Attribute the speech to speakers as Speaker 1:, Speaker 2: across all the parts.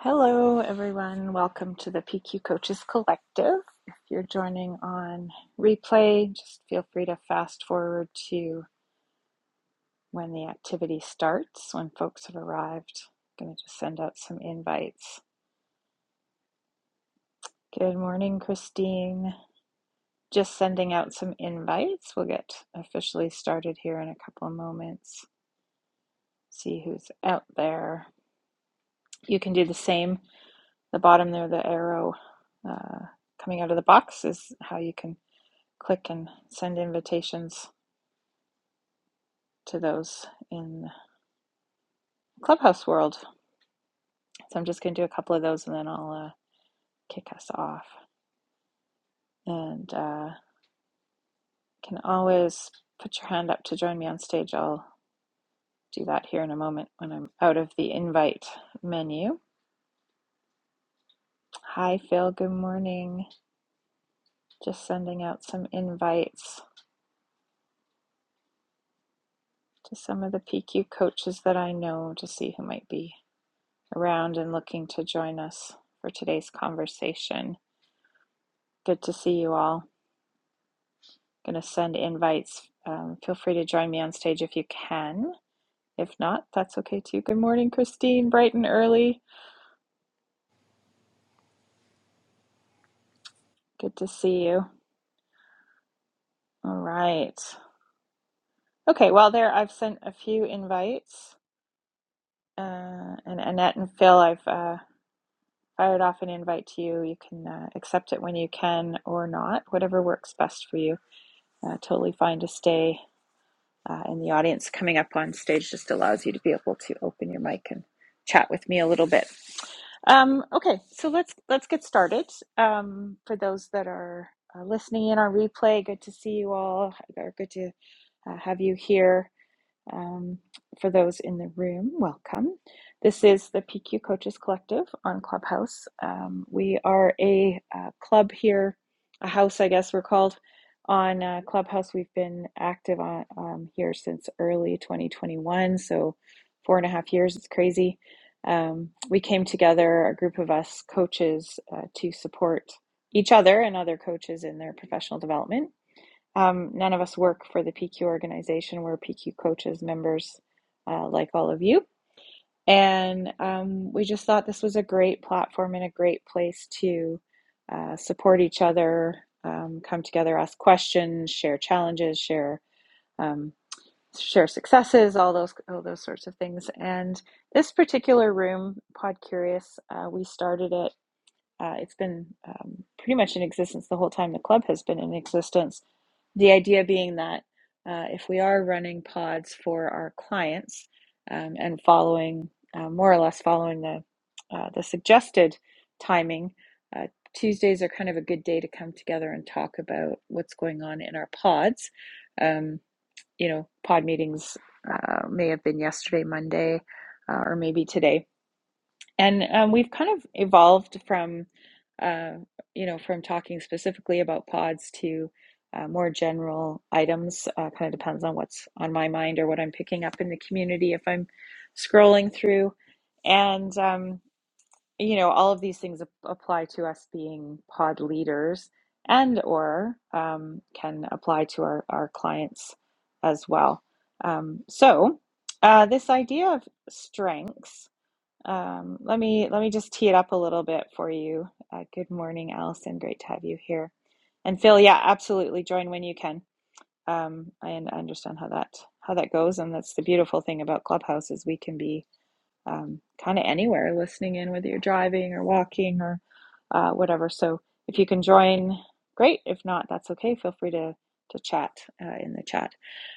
Speaker 1: Hello, everyone. Welcome to the PQ Coaches Collective. If you're joining on replay, just feel free to fast forward to when the activity starts, when folks have arrived. I'm going to just send out some invites. Good morning, Christine. Just sending out some invites. We'll get officially started here in a couple of moments. See who's out there. You can do the same. The bottom there, the arrow uh, coming out of the box, is how you can click and send invitations to those in Clubhouse world. So I'm just going to do a couple of those and then I'll uh, kick us off. And uh, can always put your hand up to join me on stage. I'll do that here in a moment when I'm out of the invite menu. Hi, Phil. Good morning. Just sending out some invites to some of the PQ coaches that I know to see who might be around and looking to join us for today's conversation. Good to see you all. Going to send invites. Um, feel free to join me on stage if you can. If not, that's okay too. Good morning, Christine, bright and early. Good to see you. All right. Okay, well, there I've sent a few invites. Uh, and Annette and Phil, I've uh, fired off an invite to you. You can uh, accept it when you can or not, whatever works best for you. Uh, totally fine to stay uh, in the audience. Coming up on stage just allows you to be able to open your mic and chat with me a little bit. Um, okay, so let's let's get started. Um, for those that are uh, listening in on replay, good to see you all, or good to uh, have you here. Um, for those in the room, welcome. This is the PQ Coaches Collective on Clubhouse. Um, we are a uh, club here, a house, I guess we're called, on uh, Clubhouse. We've been active on um, here since early 2021, so four and a half years. It's crazy. Um, we came together, a group of us coaches, uh, to support each other and other coaches in their professional development um, none of us work for the PQ organization. We're PQ coaches, members uh, like all of you. And um, we just thought this was a great platform and a great place to uh, support each other, um, come together, ask questions, share challenges, share um, share successes, all those all those sorts of things. And this particular room, Pod Curious, uh, we started it. Uh, it's been um, pretty much in existence the whole time the club has been in existence the idea being that uh, if we are running pods for our clients um, and following, uh, more or less following the uh, the suggested timing, uh, Tuesdays are kind of a good day to come together and talk about what's going on in our pods. Um, you know, pod meetings uh, may have been yesterday, Monday, uh, or maybe today and um, we've kind of evolved from, uh, you know, from talking specifically about pods to uh, more general items. Uh, kind of depends on what's on my mind or what I'm picking up in the community if I'm scrolling through. And, um, you know, all of these things ap- apply to us being pod leaders and or um, can apply to our, our clients as well. Um, so uh, this idea of strengths um, let me let me just tee it up a little bit for you. Uh, good morning, Allison. Great to have you here. And Phil, yeah, absolutely. Join when you can. Um, I un- understand how that how that goes, and that's the beautiful thing about Clubhouse is we can be um, kind of anywhere, listening in whether you're driving or walking or uh, whatever. So if you can join, great. If not, that's okay. Feel free to to chat uh, in the chat.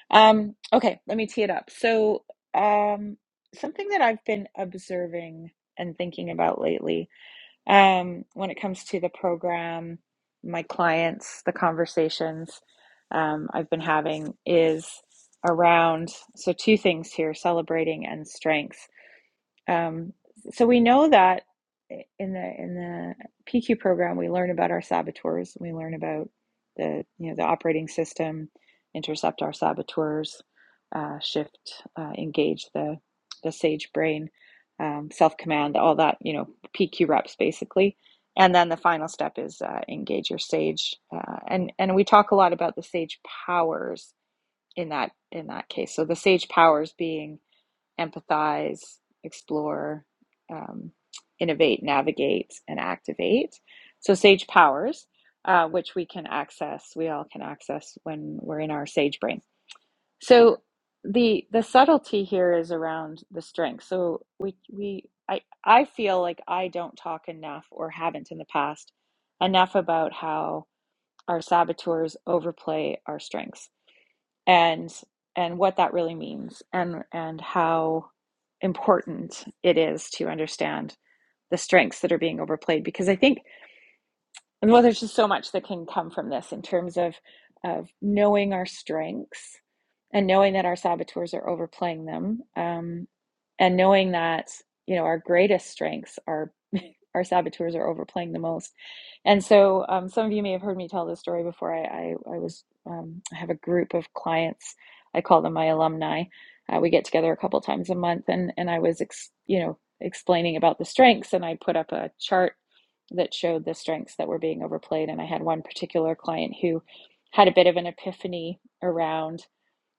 Speaker 1: Um, okay, let me tee it up. So, um, something that I've been observing and thinking about lately, um, when it comes to the program, my clients, the conversations, um, I've been having is around, so two things here, celebrating and strength. Um, so we know that in the in the PQ program, we learn about our saboteurs. We learn about the you know the operating system, intercept our saboteurs, uh, shift, uh, engage the the sage brain, um, self command, all that you know PQ reps basically. And then the final step is uh, engage your sage, uh, and and we talk a lot about the sage powers in that in that case. So the sage powers being empathize, explore, um, innovate, navigate, and activate. So, sage powers, uh, which we can access, we all can access when we're in our sage brain. So, the the subtlety here is around the strength. So, we we I I feel like I don't talk enough or haven't in the past enough about how our saboteurs overplay our strengths and and what that really means and and how important it is to understand the strengths that are being overplayed because i think and well there's just so much that can come from this in terms of of knowing our strengths and knowing that our saboteurs are overplaying them, um, and knowing that you know our greatest strengths are our saboteurs are overplaying the most. And so, um, some of you may have heard me tell this story before. I I, I was um, I have a group of clients. I call them my alumni. Uh, we get together a couple times a month, and and I was ex, you know explaining about the strengths, and I put up a chart that showed the strengths that were being overplayed. And I had one particular client who had a bit of an epiphany around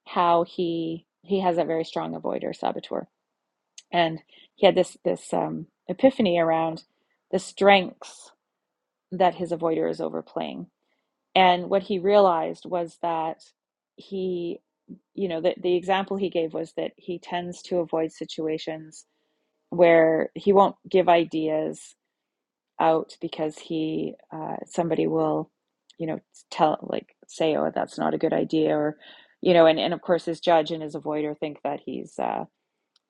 Speaker 1: how he he has a very strong avoider saboteur and he had this this um, epiphany around the strengths that his avoider is overplaying and what he realized was that he you know the, the example he gave was that he tends to avoid situations where he won't give ideas out because he uh, somebody will you know tell like say oh that's not a good idea or you know and, and of course his judge and his avoider think that he's uh,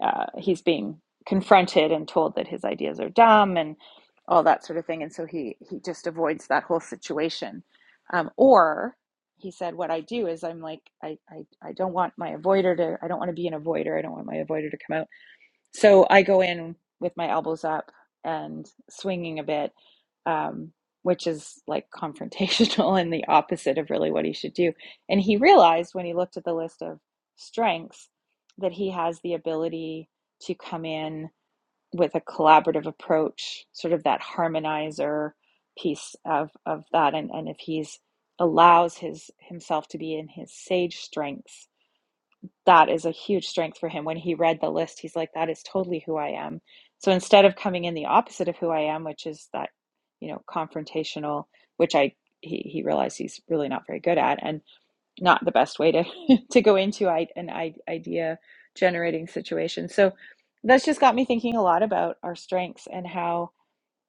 Speaker 1: uh, he's being confronted and told that his ideas are dumb and all that sort of thing and so he he just avoids that whole situation um, or he said what i do is i'm like I, I i don't want my avoider to i don't want to be an avoider i don't want my avoider to come out so I go in with my elbows up and swinging a bit, um, which is like confrontational and the opposite of really what he should do. And he realized when he looked at the list of strengths that he has the ability to come in with a collaborative approach, sort of that harmonizer piece of, of that. And, and if he's allows his himself to be in his sage strengths that is a huge strength for him. When he read the list, he's like, that is totally who I am. So instead of coming in the opposite of who I am, which is that, you know, confrontational, which I he, he realized he's really not very good at and not the best way to to go into I, an I, idea generating situation. So that's just got me thinking a lot about our strengths and how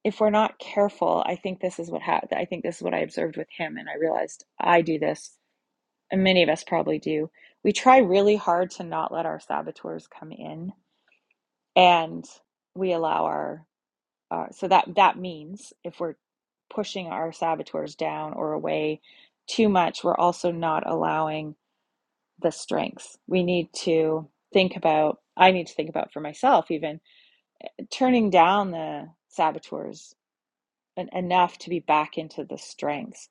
Speaker 1: if we're not careful, I think this is what happened. I think this is what I observed with him, and I realized I do this and many of us probably do, we try really hard to not let our saboteurs come in and we allow our uh, so that that means if we're pushing our saboteurs down or away too much, we're also not allowing the strengths. We need to think about, I need to think about for myself, even turning down the saboteurs enough to be back into the strengths.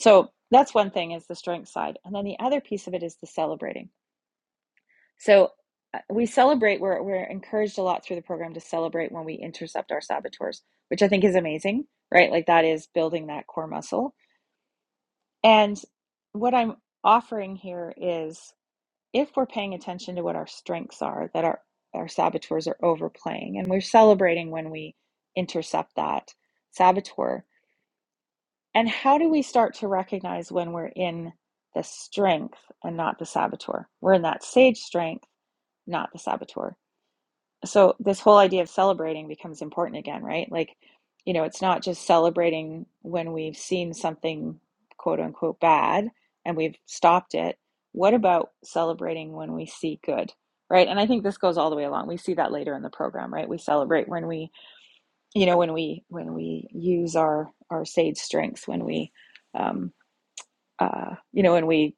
Speaker 1: So that's one thing is the strength side. And then the other piece of it is the celebrating So uh, we celebrate, we're, we're encouraged a lot through the program to celebrate when we intercept our saboteurs, which I think is amazing, right? Like that is building that core muscle. And what I'm offering here is if we're paying attention to what our strengths are, that our, our saboteurs are overplaying, and we're celebrating when we intercept that saboteur. And how do we start to recognize when we're in the strength and not the saboteur? We're in that sage strength, not the saboteur so this whole idea of celebrating becomes important again, right? Like, you know, it's not just celebrating when we've seen something quote unquote bad and we've stopped it. What about celebrating when we see good? Right? And I think this goes all the way along. We see that later in the program, right? We celebrate when we, you know, when we when we use our our sage strengths, when we um uh you know, when we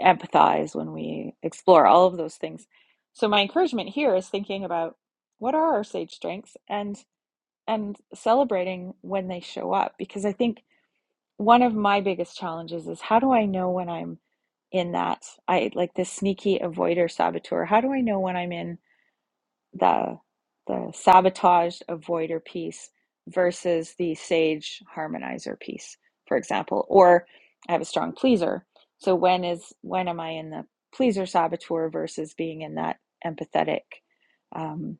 Speaker 1: empathize, when we explore all of those things. So my encouragement here is thinking about what are our sage strengths and and celebrating when they show up because I think one of my biggest challenges is how do I know when I'm in that I like this sneaky avoider saboteur? How do I know when I'm in the the sabotage avoider piece versus the sage harmonizer piece for example or i have a strong pleaser so when is when am i in the pleaser saboteur versus being in that empathetic um,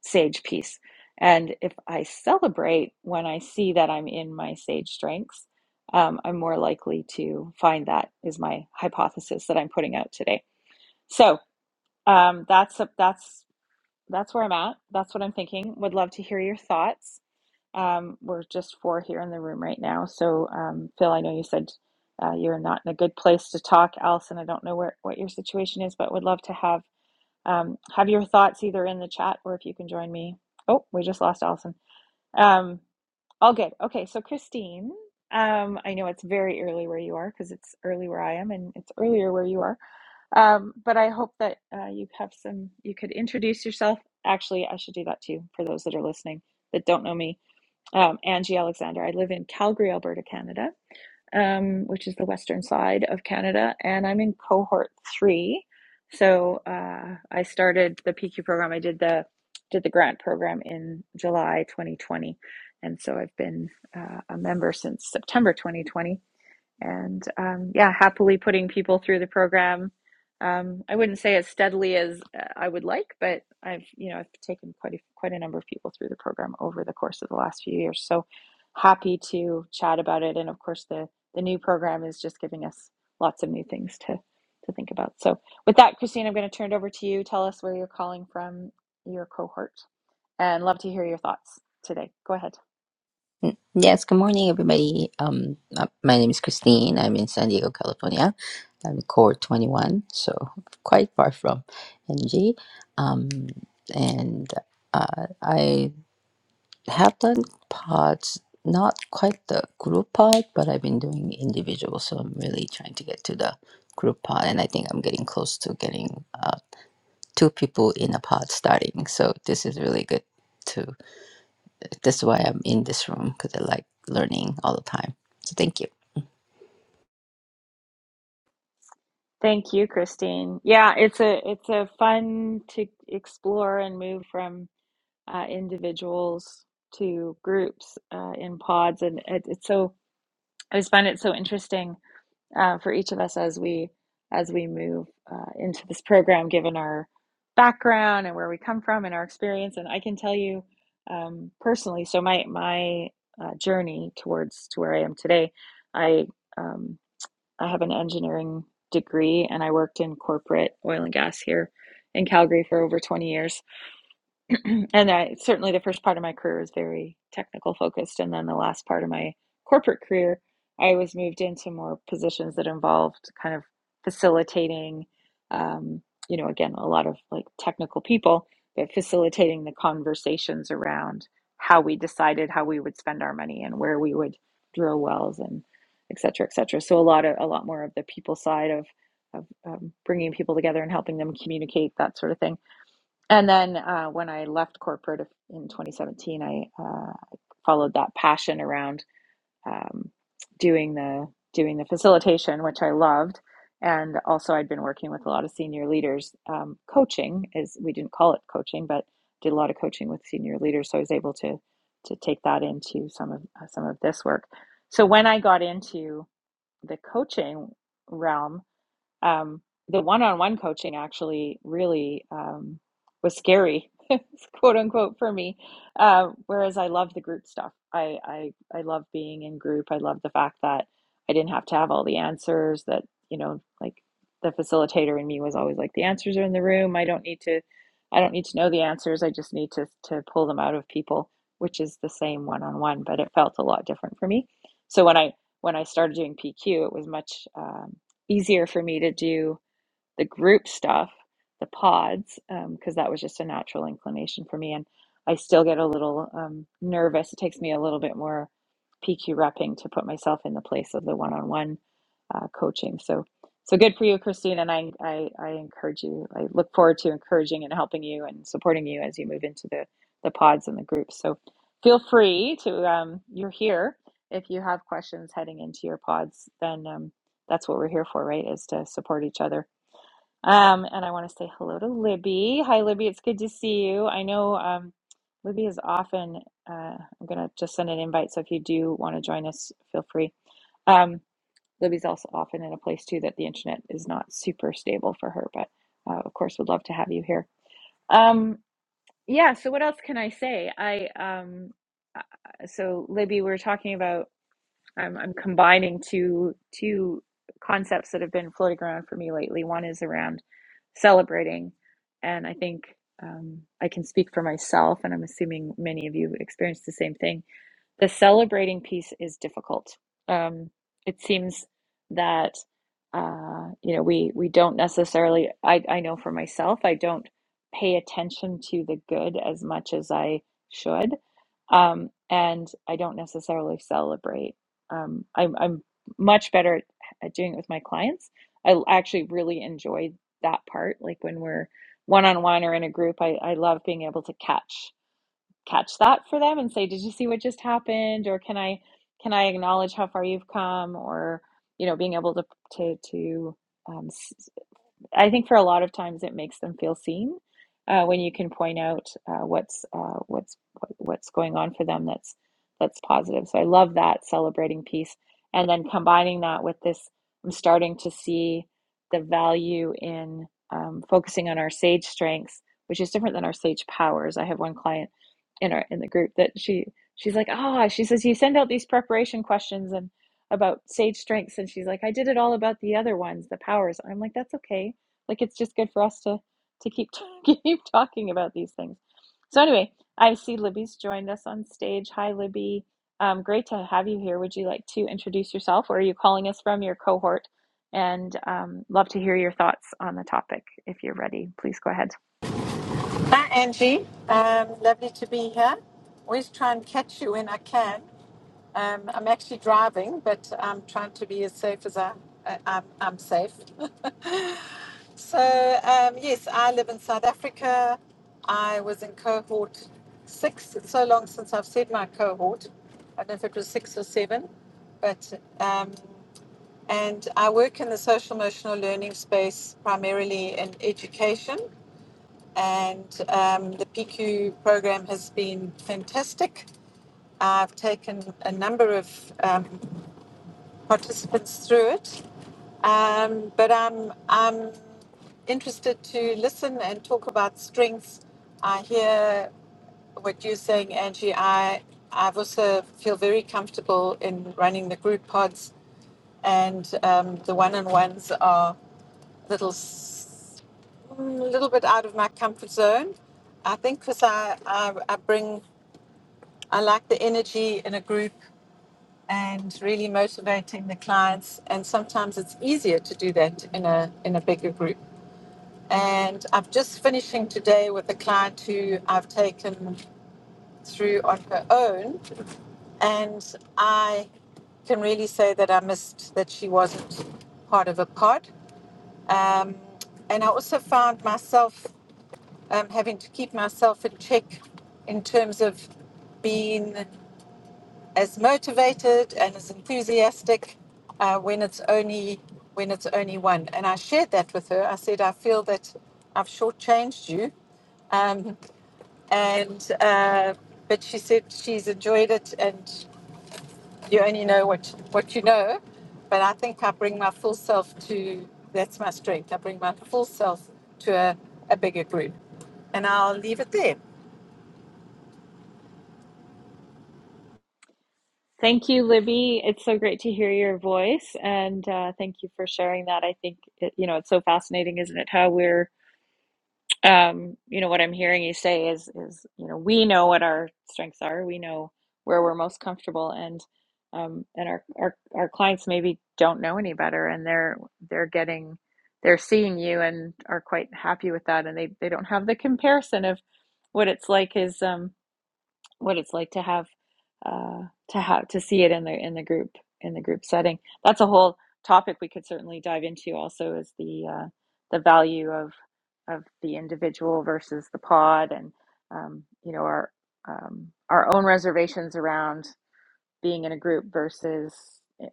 Speaker 1: sage piece and if i celebrate when i see that i'm in my sage strengths um, i'm more likely to find that is my hypothesis that i'm putting out today so um, that's a, that's that's where I'm at. That's what I'm thinking. Would love to hear your thoughts. Um, we're just four here in the room right now. So, um, Phil, I know you said uh, you're not in a good place to talk. Allison, I don't know where what your situation is, but would love to have um, have your thoughts either in the chat or if you can join me. Oh, we just lost Allison. Um, all good. Okay, so Christine, um, I know it's very early where you are because it's early where I am and it's earlier where you are. Um, but I hope that uh, you have some, you could introduce yourself. Actually, I should do that too for those that are listening that don't know me. Um, Angie Alexander. I live in Calgary, Alberta, Canada um, which is the western side of Canada, and I'm in cohort three. So uh, I started the PQ program. I did the did the grant program in July 2020, and so I've been uh, a member since September 2020 and um, yeah, happily putting people through the program. Um, I wouldn't say as steadily as uh, I would like, but I've you know I've taken quite a, quite a number of people through the program over the course of the last few years. So happy to chat about it, and of course the the new program is just giving us lots of new things to to think about. So with that, Christine, I'm going to turn it over to you. Tell us where you're calling from, your cohort, and love to hear your thoughts today. Go ahead.
Speaker 2: Yes, good morning, everybody. Um, uh, my name is Christine. I'm in San Diego, California. I'm core 21, so quite far from NG. Um, and uh, I have done pods, not quite the group pod, but I've been doing individual, so I'm really trying to get to the group pod, and I think I'm getting close to getting uh, two people in a pod starting. So this is really good too. That's why I'm in this room because I like learning all the time. So thank you.
Speaker 1: Thank you, Christine. Yeah, it's a it's a fun to explore and move from uh, individuals to groups uh, in pods, and it, it's so I just find it so interesting uh, for each of us as we as we move uh, into this program, given our background and where we come from and our experience. And I can tell you um, personally, so my my uh, journey towards to where I am today, I. Um, I have an engineering degree and I worked in corporate oil and gas here in Calgary for over 20 years. and I certainly the first part of my career was very technical focused, and then the last part of my corporate career, I was moved into more positions that involved kind of facilitating, um, you know, again a lot of like technical people, but facilitating the conversations around how we decided how we would spend our money and where we would drill wells and et cetera, et cetera. So a lot of a lot more of the people side of of um, bringing people together and helping them communicate that sort of thing and then uh, when I left corporate in 2017, I uh, followed that passion around um, doing the doing the facilitation, which I loved, and also I'd been working with a lot of senior leaders. Um, coaching is we didn't call it coaching, but did a lot of coaching with senior leaders, so I was able to to take that into some of uh, some of this work. So when I got into the coaching realm, um, the one-on-one coaching actually really um, was scary, quote unquote, for me. Uh, whereas I love the group stuff. I, I I love being in group. I love the fact that I didn't have to have all the answers. That you know, like the facilitator in me was always like, the answers are in the room. I don't need to, I don't need to know the answers. I just need to to pull them out of people, which is the same one-on-one, but it felt a lot different for me. So when I when I started doing PQ, it was much. Um, easier for me to do the group stuff, the pods, because um, that was just a natural inclination for me. And I still get a little um, nervous. It takes me a little bit more PQ repping to put myself in the place of the one-on-one uh, coaching. So, so good for you, Christine. And I, I, I encourage you. I look forward to encouraging and helping you and supporting you as you move into the the pods and the groups. So, feel free to. Um, you're here. If you have questions heading into your pods, then um, that's what we're here for, right? Is to support each other um, and I want to say hello to Libby. Hi, Libby. It's good to see you. I know um, Libby is often, uh, I'm going to just send an invite. So if you do want to join us, feel free. Um, Libby's also often in a place too that the internet is not super stable for her, but uh, of course, would love to have you here. Um, yeah. So what else can I say? I, um, uh, so Libby, we were talking about. I'm I'm combining two two concepts that have been floating around for me lately. One is around celebrating, and I think um, I can speak for myself, and I'm assuming many of you experienced the same thing the celebrating piece is difficult. Um, it seems that uh, you know we we don't necessarily. I I know for myself, I don't pay attention to the good as much as I should, um, and I don't necessarily celebrate. Um, I'm I'm much better at, at doing it with my clients. I l- actually really enjoy that part. Like when we're one on one or in a group, I I love being able to catch catch that for them and say, "Did you see what just happened?" Or can I can I acknowledge how far you've come? Or you know, being able to to to um, I think for a lot of times it makes them feel seen uh, when you can point out uh, what's uh, what's what's going on for them that's that's positive. So I love that celebrating piece, and then combining that with this, I'm starting to see the value in um, focusing on our sage strengths, which is different than our sage powers. I have one client in our in the group that she she's like, oh, she says you send out these preparation questions and about sage strengths and she's like i did it all about the other ones the powers i'm like that's okay like it's just good for us to to keep keep talking about these things. So anyway, I see Libby's joined us on stage. Hi, Libby. Um, great to have you here. Would you like to introduce yourself, or are you calling us from your cohort? And um, love to hear your thoughts on the topic. If you're ready, please go ahead.
Speaker 3: Hi, Angie. Um, lovely to be here. Always try and catch you when I can. Um, I'm actually driving, but I'm trying to be as safe as I, I, I'm, I'm safe. So, um, yes, I live in South Africa. I was in cohort six. It's so long since I've said my cohort. I don't know if it was six or seven, but um, and I work in the social emotional learning space primarily in education and um, the PQ program has been fantastic. I've taken a number of um, participants through it, um, but I'm I'm interested to listen and talk about strengths. I hear what you're saying, Angie. I I've also feel very comfortable in running the group pods, and um, the one-on-ones are little a little bit out of my comfort zone. I think because I, I I bring I like the energy in a group and really motivating the clients. And sometimes it's easier to do that in a in a bigger group. And I'm just finishing today with a client who I've taken through on her own, and I can really say that I missed that she wasn't part of a pod. Um, and I also found myself um, having to keep myself in check in terms of being as motivated and as enthusiastic uh, when it's only when it's only one. And I shared that with her. I said, I feel that I've shortchanged you. Um, and uh, but she said she's enjoyed it, and you only know what what you know. But I think I bring my full self to that's my strength. I bring my full self to a, a bigger group. And I'll leave it there.
Speaker 1: Thank you, Libby. It's so great to hear your voice, and uh, thank you for sharing that. I think it, you know it's so fascinating, isn't it? How we're um, you know, what I'm hearing you say is is, you know, we know what our strengths are. We know where we're most comfortable and um, and our, our our clients maybe don't know any better and they're they're getting they're seeing you and are quite happy with that and they they don't have the comparison of what it's like is um what it's like to have uh, to have to see it in the in the group in the group setting. That's a whole topic we could certainly dive into. Also, is the uh, the value of of the individual versus the pod, and um, you know our um, our own reservations around being in a group versus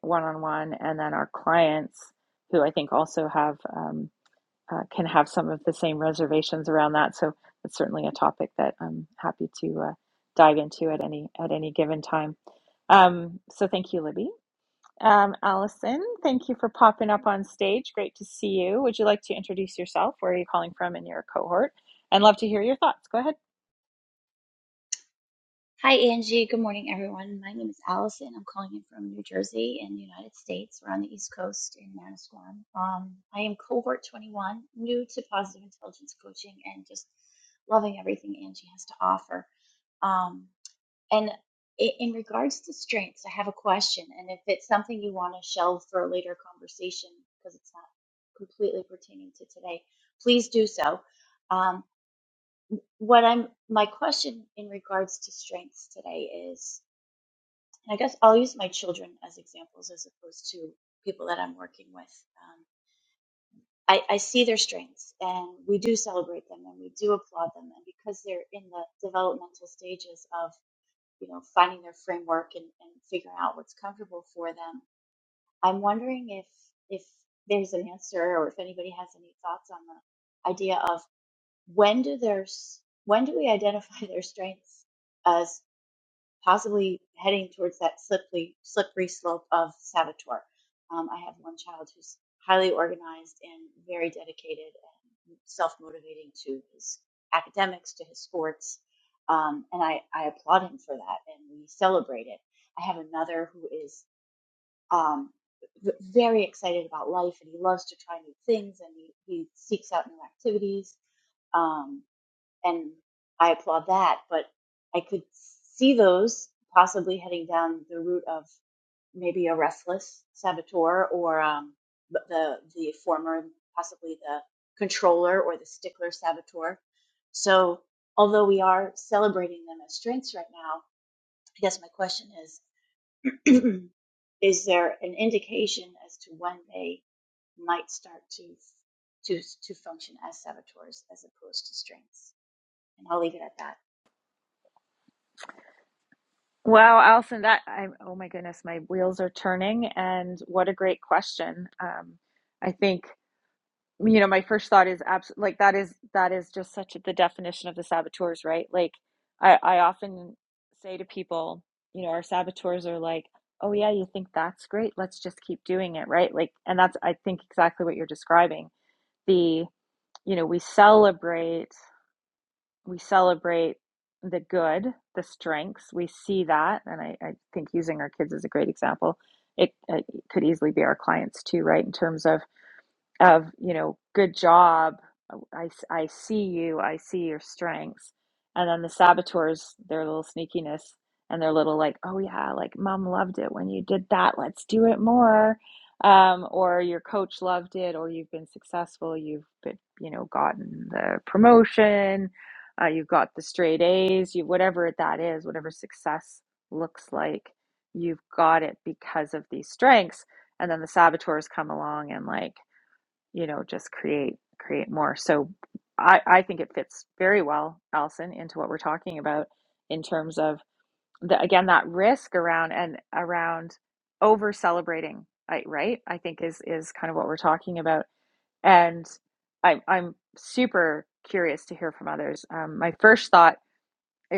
Speaker 1: one on one, and then our clients who I think also have. Um, uh, can have some of the same reservations around that. So it's certainly a topic that I'm happy to uh, dive into at any at any given time. Um, so thank you, Libby. Um, Allison, thank you for popping up on stage. Great to see you. Would you like to introduce yourself? Where are you calling from in your cohort? And love to hear your thoughts. Go ahead.
Speaker 4: Hi, Angie. Good morning, everyone. My name is Allison. I'm calling in from New Jersey in the United States. We're on the East Coast in Manasquan. Um, I am cohort 21, new to positive intelligence coaching and just loving everything Angie has to offer. Um, and i- in regards to strengths, I have a question. And if it's something you want to shelve for a later conversation because it's not completely pertaining to today, please do so. Um, what I'm my question in regards to strengths today is and I guess I'll use my children as examples as opposed to people that I'm working with. Um, I, I see their strengths and we do celebrate them and we do applaud them. And because they're in the developmental stages of, you know, finding their framework and, and figuring out what's comfortable for them, I'm wondering if, if there's an answer or if anybody has any thoughts on the idea of when do their, s- when do we identify their strengths as possibly heading towards that slippery, slippery slope of saboteur. Um, I have one child who's highly organized and very dedicated and self motivating to his academics, to his sports. Um, and I, I applaud him for that and we celebrate it. I have another who is um, very excited about life and he loves to try new things and he, he seeks out new activities. Um, and I applaud that. But I could see those possibly heading down the route of maybe a restless saboteur or um, the the former, possibly the controller or the stickler saboteur. So although we are celebrating them as strengths right now, I guess my question is: Is there an indication as to when they might start to to to function as saboteurs as opposed to strengths? And I'll leave it at that.
Speaker 1: Wow, Allison, that I'm oh my goodness, my wheels are turning, and what a great question. Um, I think. you know, my first thought is absolutely like that is that is just such the definition of the saboteurs, right? Like I I often say to people, you know, our saboteurs are like, "Oh yeah, you think that's great? Let's just keep doing it," right? Like and that's I think exactly what you're describing. The, you know, we celebrate we celebrate the good, the strengths. We see that, and I, I think using our kids is a great example. It, it could easily be our clients too, right? In terms of of you know good job I, I see you i see your strengths and then the saboteurs their little sneakiness and their little like oh yeah like mom loved it when you did that let's do it more um, or your coach loved it or you've been successful you've been you know gotten the promotion uh, you've got the straight a's you whatever that is whatever success looks like you've got it because of these strengths and then the saboteurs come along and like you know just create create more so i i think it fits very well allison into what we're talking about in terms of the again that risk around and around over celebrating I, right i think is is kind of what we're talking about and i i'm super curious to hear from others um, my first thought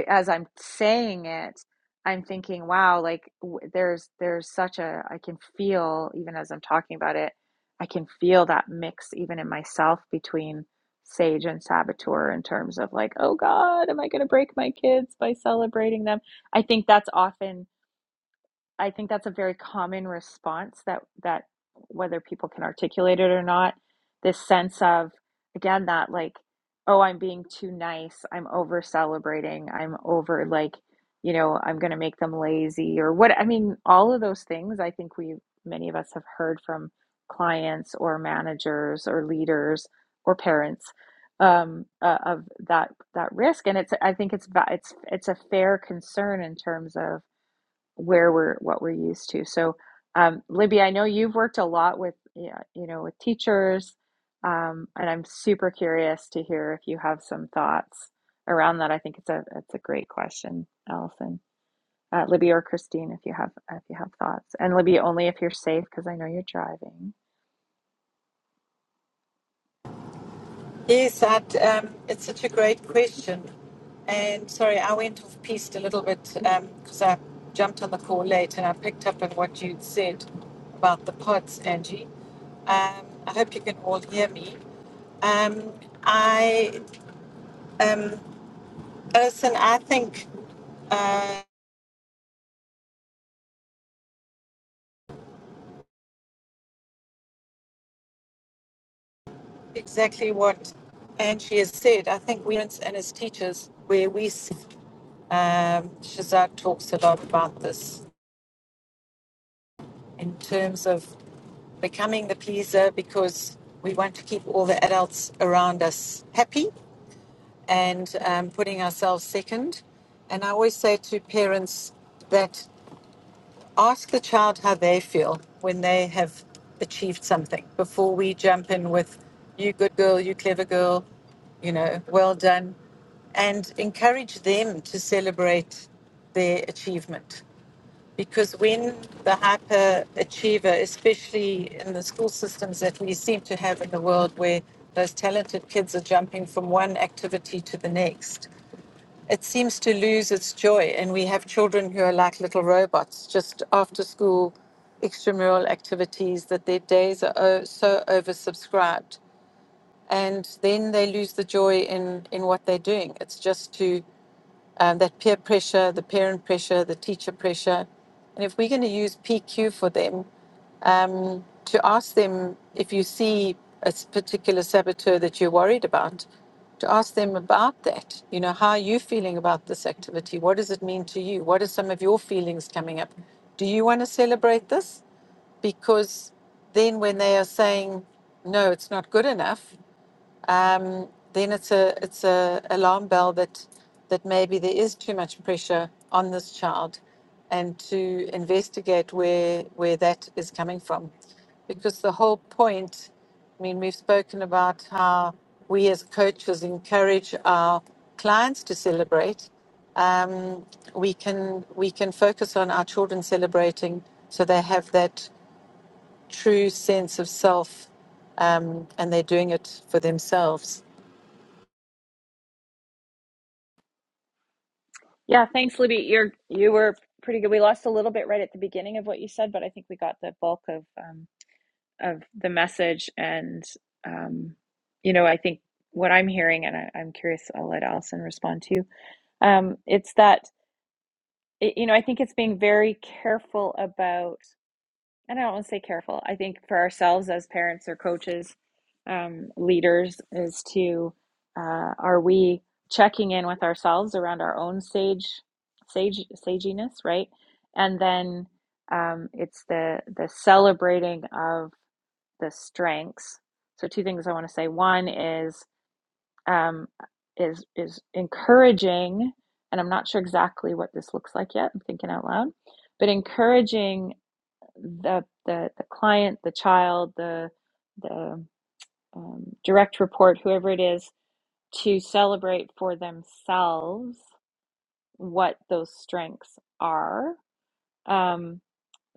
Speaker 1: as I'm saying it, I'm thinking, wow, like w- there's there's such a I can feel even as I'm talking about it, I can feel that mix even in myself between sage and saboteur in terms of like, oh God, am I going to break my kids by celebrating them? I think that's often I think that's a very common response that that whether people can articulate it or not, this sense of again that like, oh, I'm being too nice, I'm over celebrating, I'm over like, you know, I'm gonna make them lazy or what I mean, all of those things I think we many of us have heard from clients or managers or leaders or parents um, uh, of that that risk, and it's I think it's it's it's a fair concern in terms of where we're what we're used to. So, um, Libby, I know you've worked a lot with yeah, you know with teachers, um, and I'm super curious to hear if you have some thoughts around that. I think it's a it's a great question, Allison, uh, Libby, or Christine, if you have if you have thoughts, and Libby only if you're safe because I know you're driving.
Speaker 3: Yes, I'd, um, it's such a great question. And sorry, I went off piste a little bit because I jumped on the call late and I picked up on what you'd said about the pods, Angie. Um, I hope you can all hear me. Um, I, um, Alison, I think uh, exactly what Angie has said. I think we and as teachers, where we, s- um, Shazad talks a lot about this in terms of becoming the pleaser because we want to keep all the adults around us happy and um, putting ourselves second. And I always say to parents that ask the child how they feel when they have achieved something before we jump in with, you good girl, you clever girl, you know, well done, and encourage them to celebrate their achievement because when the hyper achiever, especially in the school systems that we seem to have in the world where those talented kids are jumping from one activity to the next, it seems to lose its joy. And we have children who are like little robots, just after school extramural activities, that their days are so oversubscribed. And then they lose the joy in, in what they're doing. It's just to um, that peer pressure, the parent pressure, the teacher pressure. And if we're going to use PQ for them, um, to ask them if you see a s- particular saboteur that you're worried about, to ask them about that. You know, how are you feeling about this activity? What does it mean to you? What are some of your feelings coming up? Do you want to celebrate this? Because then when they are saying, no, it's not good enough, um, then it's a it's a alarm bell that that maybe there is too much pressure on this child, and to investigate where where that is coming from, because the whole point, I mean, we've spoken about how we as coaches encourage our clients to celebrate. Um, we can we can focus on our children celebrating, so they have that true sense of self, um, and they're doing it for themselves
Speaker 1: Yeah, thanks, Libby. You're you were pretty good. We lost a little bit right at the beginning of what you said, but I think we got the bulk of. um, of the message and um, you know i think what i'm hearing and I, i'm curious i'll let allison respond to you. um, it's that it, you know i think it's being very careful about and i don't want to say careful i think for ourselves as parents or coaches um, leaders is to uh, are we checking in with ourselves around our own sage sage saginess right and then um, it's the the celebrating of the strengths. So two things I want to say. One is um, is is encouraging, and I'm not sure exactly what this looks like yet. I'm thinking out loud, but encouraging the the the client, the child, the the um, direct report, whoever it is, to celebrate for themselves what those strengths are. Um,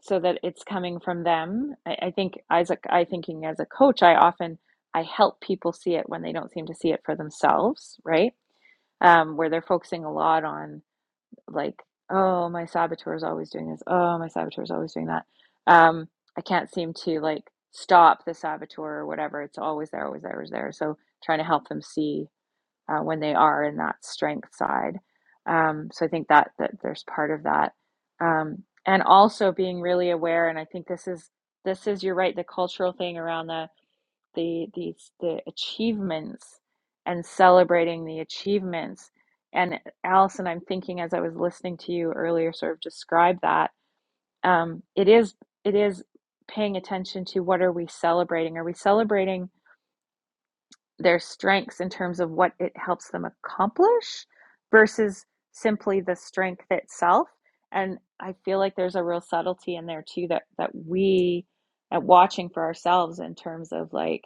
Speaker 1: so that it's coming from them. I, I think as a, I thinking as a coach, I often I help people see it when they don't seem to see it for themselves, right? Um, where they're focusing a lot on like, oh, my saboteur is always doing this. Oh, my saboteur is always doing that. Um, I can't seem to like stop the saboteur or whatever. It's always there, always there, always there. So trying to help them see uh, when they are in that strength side. Um, so I think that that there's part of that, um, and also being really aware. And I think this is this is you're right. The cultural thing around the the the the achievements and celebrating the achievements. And Allison, I'm thinking as I was listening to you earlier, sort of describe that. Um, it is it is paying attention to what are we celebrating? Are we celebrating? their strengths in terms of what it helps them accomplish versus simply the strength itself and i feel like there's a real subtlety in there too that that we at watching for ourselves in terms of like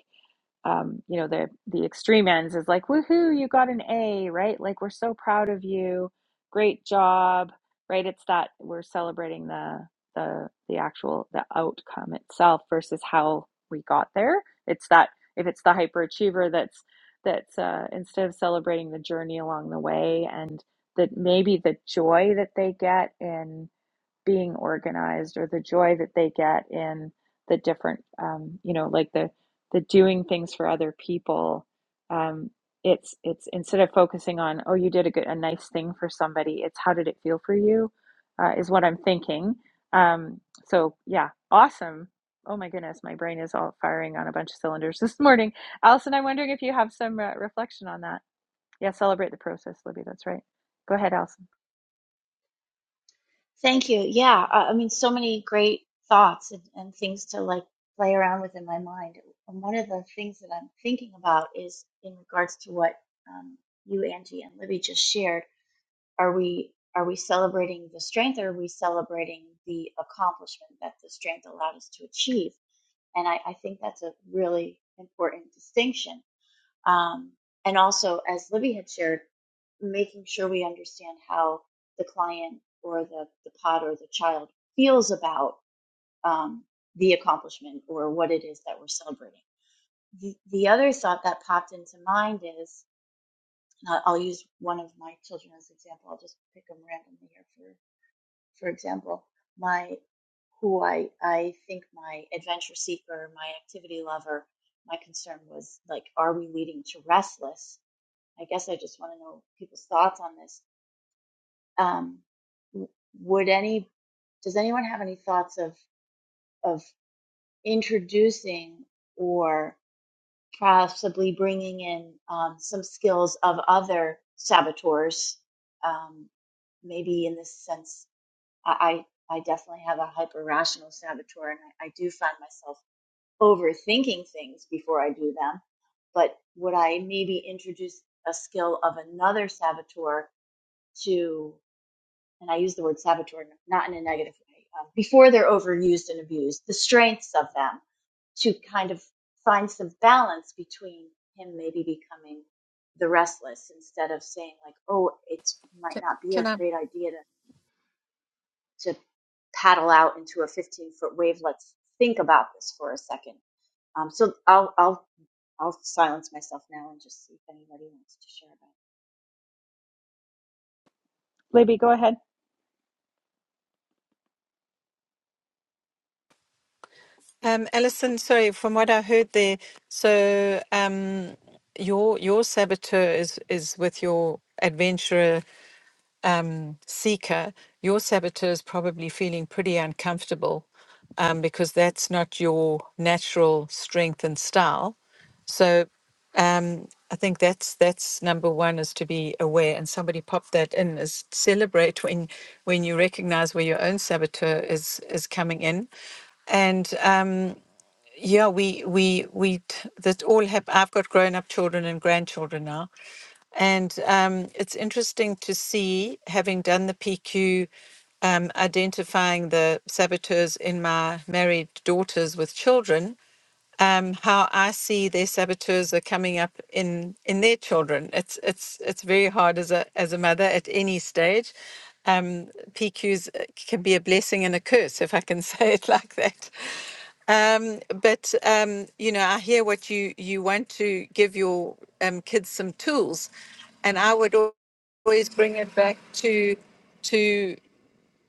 Speaker 1: um, you know, the the extreme ends is like, woohoo, you got an A, right? Like we're so proud of you, great job, right? It's that we're celebrating the the the actual the outcome itself versus how we got there. It's that if it's the hyperachiever that's that's uh, instead of celebrating the journey along the way and that maybe the joy that they get in being organized or the joy that they get in the different um, you know like the the doing things for other people um, it's it's instead of focusing on oh you did a good a nice thing for somebody it's how did it feel for you uh, is what i'm thinking um, so yeah awesome oh my goodness my brain is all firing on a bunch of cylinders this morning allison i'm wondering if you have some uh, reflection on that yeah celebrate the process libby that's right go ahead allison
Speaker 4: Thank you. Yeah, I, I mean, so many great thoughts and, and things to like play around with in my mind. And one of the things that I'm thinking about is in regards to what um, you, Angie, and Libby just shared. Are we are we celebrating the strength, or are we celebrating the accomplishment that the strength allowed us to achieve? And I, I think that's a really important distinction um, and also, as Libby had shared, making sure we understand how the client or the, the pod or the child feels about um, the accomplishment or what it is that we're celebrating. The, the other thought that popped into mind is and I'll use one of my children as an example. I'll just pick them randomly here for, for example, my who I, I think my adventure seeker, my activity lover, my concern was like, are we leading to restless? I guess I just want to know people's thoughts on this. Um, would any does anyone have any thoughts of of introducing or possibly bringing in um, some skills of other saboteurs? Um, maybe in this sense, I I I definitely have a hyper rational saboteur, and I, I do find myself overthinking things before I do them. But would I maybe introduce a skill of another saboteur? to and I use the word saboteur not in a negative way, um, before they're overused and abused, the strengths of them to kind of find some balance between him maybe becoming the restless instead of saying like, oh, it might
Speaker 3: Ca-
Speaker 4: not be a
Speaker 3: Can I?
Speaker 4: great idea to, to paddle out into a 15 foot wave. Let's think about this for a second. Um, so I'll, I'll, I'll silence myself now and just see if anybody wants to share about
Speaker 1: libby go ahead
Speaker 3: Um, Alison, sorry, from what I heard there, so um, your your saboteur is is with your adventurer seeker, your saboteur is probably feeling pretty uncomfortable um, because that's not your natural strength and style. So um, I think that's that's number one is to be aware. And somebody popped that in is celebrate when when you recognize where your own saboteur is is coming in, and. um, yeah, we we we t- that all have. I've got grown up children and grandchildren now, and um, it's interesting to see, having done the PQ, um, identifying the saboteurs in my married daughters with children um, how I see their saboteurs are coming up in in their children. It's it's it's very hard as a as a mother at any stage. Um, PQs uh, can be a blessing and a curse, if I can say it like that. Um, but um, you know, I hear what you you want to give your um, kids some tools, and I would al- always bring it back to to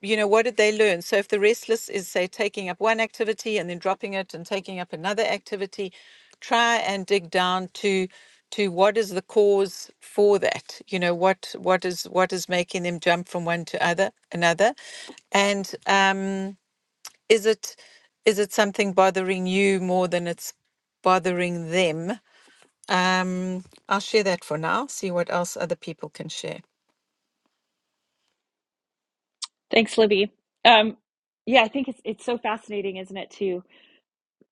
Speaker 3: you know, what did they learn? So if the restless is, say, taking up one activity and then dropping it and taking up another activity, try and dig down to to what is the cause for that you know what what is what is making them jump from one to other another and um is it is it something bothering you more than it's bothering them um i'll share that for now see what else other people can share
Speaker 1: Thanks, Libby. Um, yeah, I think it's it's so fascinating, isn't it, to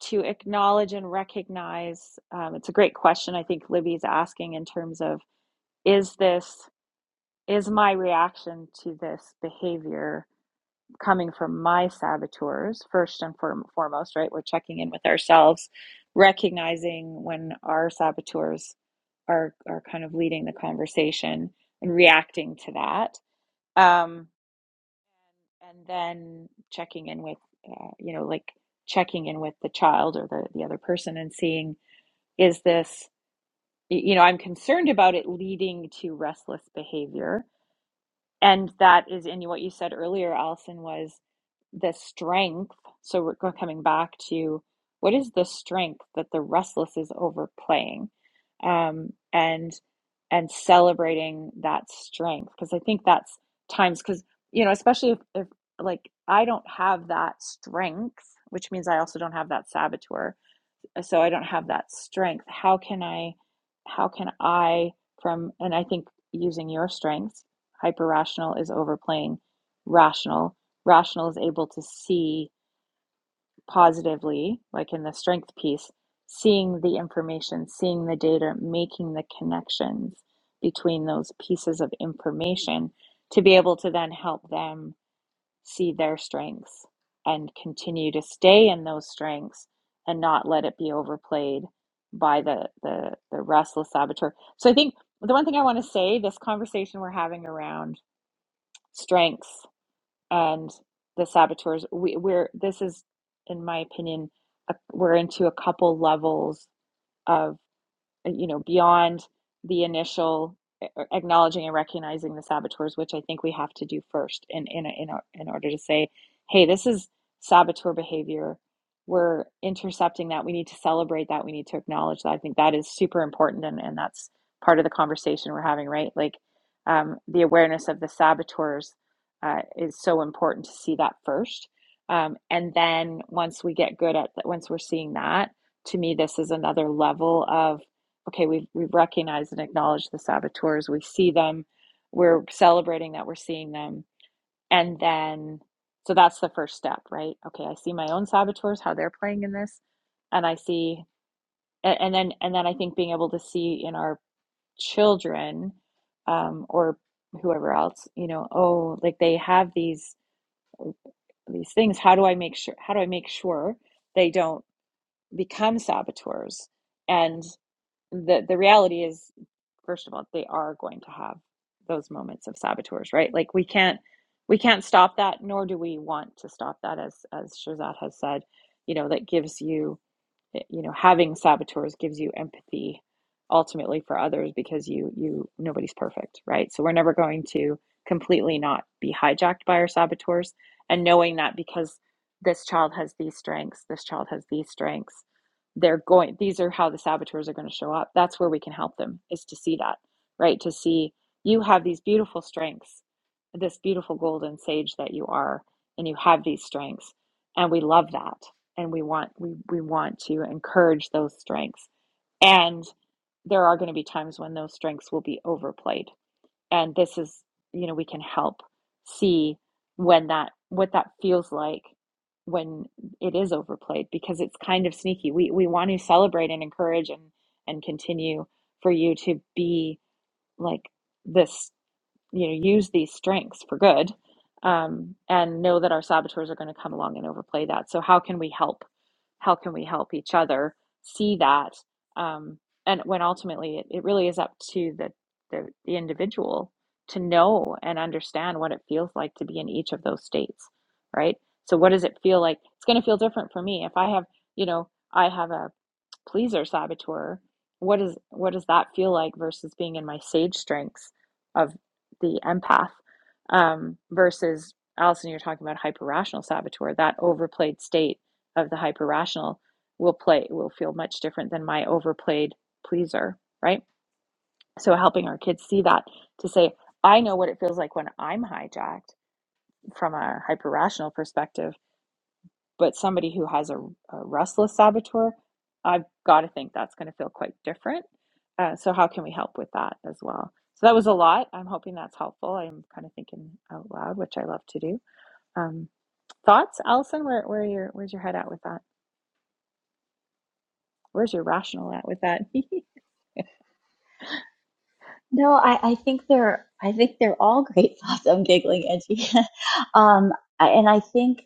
Speaker 1: to acknowledge and recognize. Um, it's a great question. I think Libby's asking in terms of is this is my reaction to this behavior coming from my saboteurs first and foremost, right? We're checking in with ourselves, recognizing when our saboteurs are are kind of leading the conversation and reacting to that. Um, and then checking in with uh, you know like checking in with the child or the, the other person and seeing is this you know i'm concerned about it leading to restless behavior and that is in what you said earlier, Allison, was the strength. So we're go- coming back to what is the strength that the restless is overplaying, um, and and celebrating that strength because I think that's times because you know especially if, if like I don't have that strength, which means I also don't have that saboteur so I don't have that strength. How can I, how can I from, and I think using your strengths, hyper rational is overplaying rational. Rational is able to see positively, like in the strength piece, seeing the information, seeing the data, making the connections between those pieces of information to be able to then help them see their strengths and continue to stay in those strengths and not let it be overplayed by the the, the restless saboteur. So I think the one thing I want to say, this conversation we're having around strengths and the saboteurs, we, we're this is, in my opinion, a, we're into a couple levels of uh, you know, beyond the initial acknowledging and recognizing the saboteurs, which I think we have to do first in in in, in order to say, hey, this is saboteur behavior. We're intercepting that. We need to celebrate that. We need to acknowledge that. I think that is super important, and and that's part of the conversation we're having, right? Like um, the awareness of the saboteurs uh, is so important to see that first. Um, and then once we get good at that, once we're seeing that, to me, this is another level of okay, we've we've recognized and acknowledged the saboteurs. We see them. We're celebrating that we're seeing them. And then so that's the first step, right? Okay, I see my own saboteurs, how they're playing in this, and I see a- and then and then I think being able to see in our children um or whoever else, you know, oh, like they have these these things. How do I make sure how do I make sure they don't become saboteurs? and the the reality is first of all they are going to have those moments of saboteurs right like we can't we can't stop that nor do we want to stop that as as shazad has said you know that gives you eh, you know having saboteurs gives you empathy ultimately for others because you you nobody's perfect right so we're never going to completely not be hijacked by our saboteurs and knowing that because this child has these strengths this child has these strengths they're going these are how the saboteurs are going to show up that's where we can help them is to see that right to see you have these beautiful strengths this beautiful golden sage that you are and you have these strengths and we love that and we want we we want to encourage those strengths and there are going to be times when those strengths will be overplayed and this is you know we can help see when that what that feels like when it is overplayed because it's kind of sneaky we we want to celebrate and encourage and and continue for you to be like this you know use these strengths for good um, and know that our saboteurs are going to come along and overplay that so how can we help how can we help each other see that um, and when ultimately it, it really is up to the, the the individual to know and understand what it feels like to be in each of those states right so what does it feel like it's going to feel different for me if i have you know i have a pleaser saboteur what is what does that feel like versus being in my sage strengths the empath um, versus Allison, you're talking about hyper rational saboteur. That overplayed state of the hyper rational will play will feel much different than my overplayed pleaser, right? So helping our kids see that to say, I know what it feels like when I'm hijacked from a hyper rational perspective but somebody who has a, a restless saboteur, I've got to think that's going to feel quite different. Uh, so, how can we help with that as well? So, that was a lot. I'm hoping that's helpful. I'm kind of thinking out loud, which I love to do. Um, thoughts, Allison? Where, where your, where's your head at with that? Where's your rational at with that?
Speaker 4: No, I, I think they're I think they're all great thoughts. I'm giggling, Edgy. um, I, and I think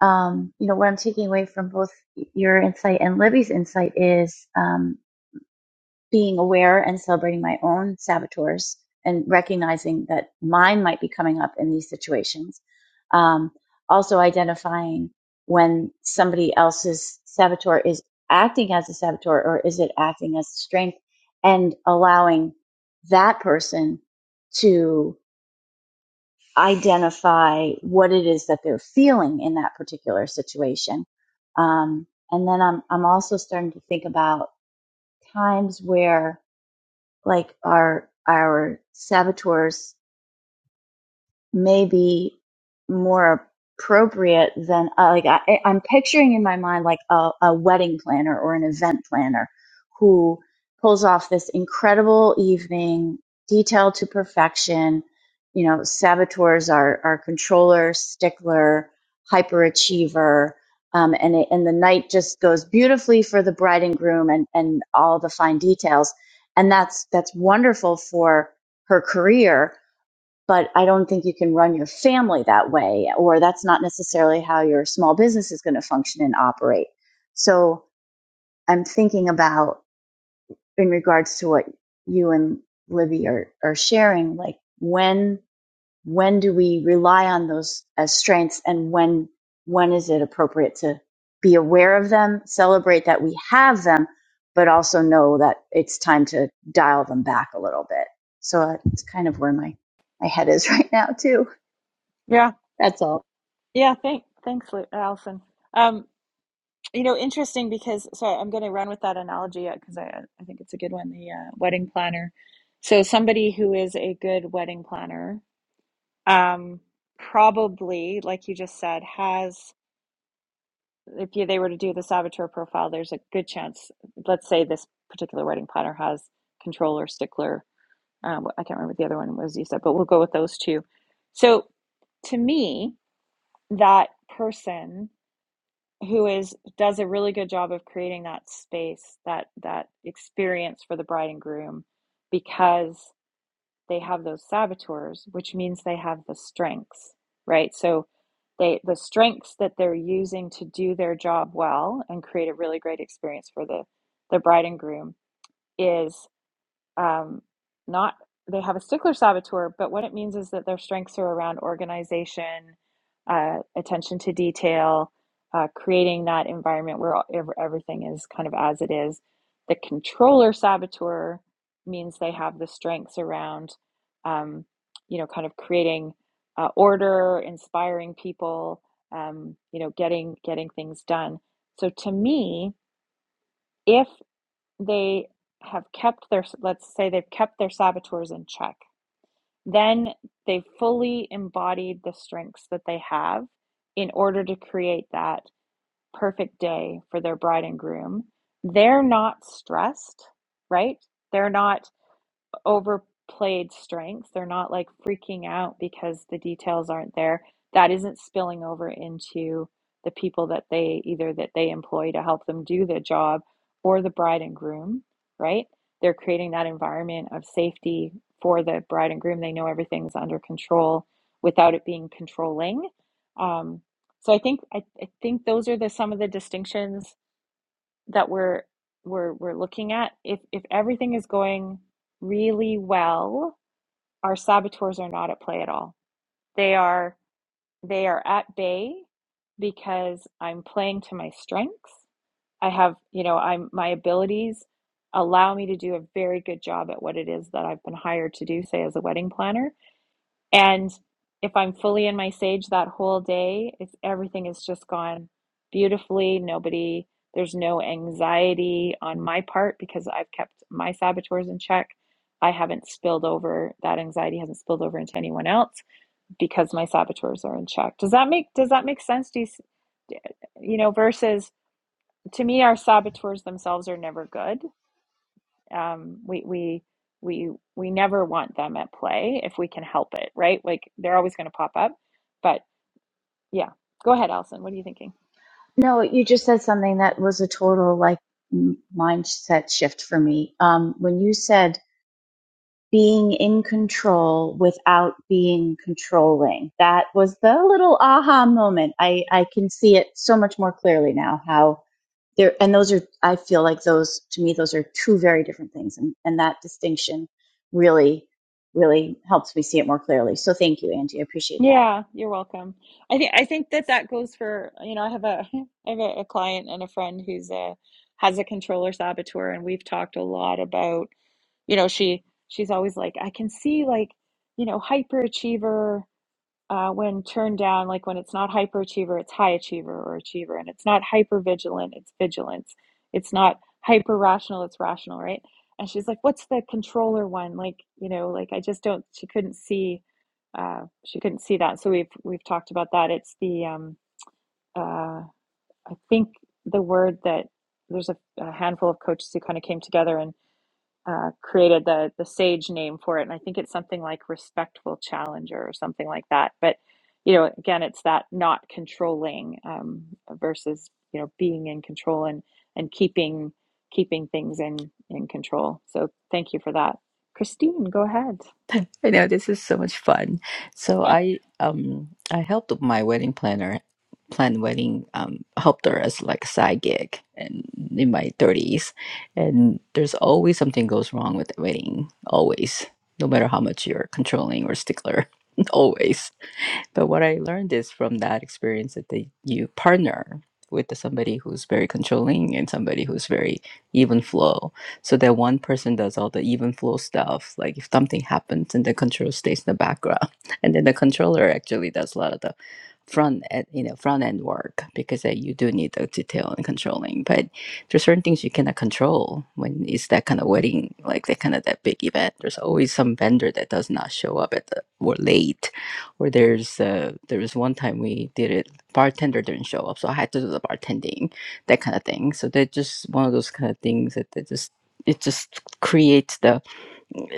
Speaker 4: um, you know what I'm taking away from both your insight and Libby's insight is um, being aware and celebrating my own saboteurs and recognizing that mine might be coming up in these situations. Um, also identifying when somebody else's saboteur is acting as a saboteur or is it acting as strength and allowing that person to identify what it is that they're feeling in that particular situation. Um, and then I'm, I'm also starting to think about times where like our our saboteurs maybe more appropriate than uh, like I, I'm picturing in my mind like a, a wedding planner or an event planner who pulls off this incredible evening, detailed to perfection. You know, saboteurs are are controller, stickler, hyperachiever. Um, and it, and the night just goes beautifully for the bride and groom and, and all the fine details, and that's that's wonderful for her career but I don't think you can run your family that way, or that's not necessarily how your small business is going to function and operate. So I'm thinking about in regards to what you and Libby are, are sharing, like when when do we rely on those as strengths and when when is it appropriate to be aware of them, celebrate that we have them, but also know that it's time to dial them back a little bit. So uh, it's kind of where my, my head is right now too.
Speaker 1: Yeah,
Speaker 4: That's all.
Speaker 1: yeah. Thank, thanks, Lu- Allison. Um, you know, interesting because so I'm going to run with that analogy because I I think it's a good one. The uh, wedding planner. So somebody who is a good wedding planner um, probably, like you just said, has, if you, they were to do the saboteur profile, there's a good chance, let's say this particular wedding planner has controller, stickler, um, I can't remember what the other one was you said, but we'll go with those two. So to me, that person who is does a really good job of creating that space, that that experience for the bride and groom, because they have those saboteurs, which means they have the strengths, right? So they the strengths that they're using to do their job well and create a really great experience for the the bride and groom is um, not they have a stickler saboteur, but what it means is that their strengths are around organization, uh, attention to detail, uh, creating that environment where all, everything is kind of as it is. The controller saboteur means they have the strengths around, um, you know, kind of creating uh, order, inspiring people, um, you know, getting getting things done. So to me, if they have kept their, let's say they've kept their saboteurs in check. Then they fully embodied the strengths that they have in order to create that perfect day for their bride and groom. They're not stressed, right? They're not overplayed strengths. They're not like freaking out because the details aren't there. That isn't spilling over into the people that they either that they employ to help them do the job or the bride and groom, right? They're creating that environment of safety for the bride and groom. They know everything's under control without it being controlling. Um, so I think I, I think those are the some of the distinctions that we're we're we're looking at if if everything is going really well our saboteurs are not at play at all they are they are at bay because i'm playing to my strengths i have you know i'm my abilities allow me to do a very good job at what it is that i've been hired to do say as a wedding planner and if I'm fully in my sage that whole day, it's everything is just gone beautifully. Nobody, there's no anxiety on my part because I've kept my saboteurs in check. I haven't spilled over, that anxiety hasn't spilled over into anyone else because my saboteurs are in check. Does that make does that make sense? Do you, you know, versus to me, our saboteurs themselves are never good um, we we we we never want them at play if we can help it, right? Like they're always going to pop up. But yeah, go ahead, Allison. What are you thinking?
Speaker 4: No, you just said something that was a total like m- mindset shift for me. Um, when you said being in control without being controlling, that was the little aha moment. I, I can see it so much more clearly now How. there and those are i feel like those to me those are two very different things and, and that distinction really really helps me see it more clearly so thank you angie i appreciate that
Speaker 1: Yeah, you're welcome. I think I think that that goes for you know I have a I have a, a client and a friend who's a has a controller saboteur, and we've talked a lot about you know she she's always like I can see like you know hyperachiever uh, when turned down, like when it's not hyperachiever, it's high achiever or achiever, and it's not hyper vigilant, it's vigilance. It's not hyper rational, it's rational, right? And she's like, "What's the controller one?" Like, you know, like I just don't. She couldn't see. Uh, she couldn't see that. So we've we've talked about that. It's the um, uh, I think the word that there's a, a handful of coaches who kind of came together and uh, created the the sage name for it, and I think it's something like respectful challenger or something like that. But you know, again, it's that not controlling um, versus you know being in control and and keeping keeping things in in control. So thank you for that, Christine. Go ahead.
Speaker 2: I know this is so much fun. So
Speaker 1: I
Speaker 2: I um I helped my wedding planner plan wedding um helped her as like a side gig and in my 30s and there's always something goes wrong with the wedding always no matter how much you're controlling or stickler always But what I learned is from that experience that they, you partner with the somebody who's very controlling and somebody who's very even flow. So that one person does all the even flow stuff. Like if something happens and the control stays in the background, and then the controller actually does a lot of the front end, you know, front end work because uh, you do need the detail and controlling. But there's certain things you cannot control when it's that kind of wedding, like that kind of that big event. There's always some vendor that does not show up at the or late or there's uh, there was one time we did it. Bartender didn't show up, so I had to do the bartending, that kind of thing. So they're just one of those kind of things that they just it just creates the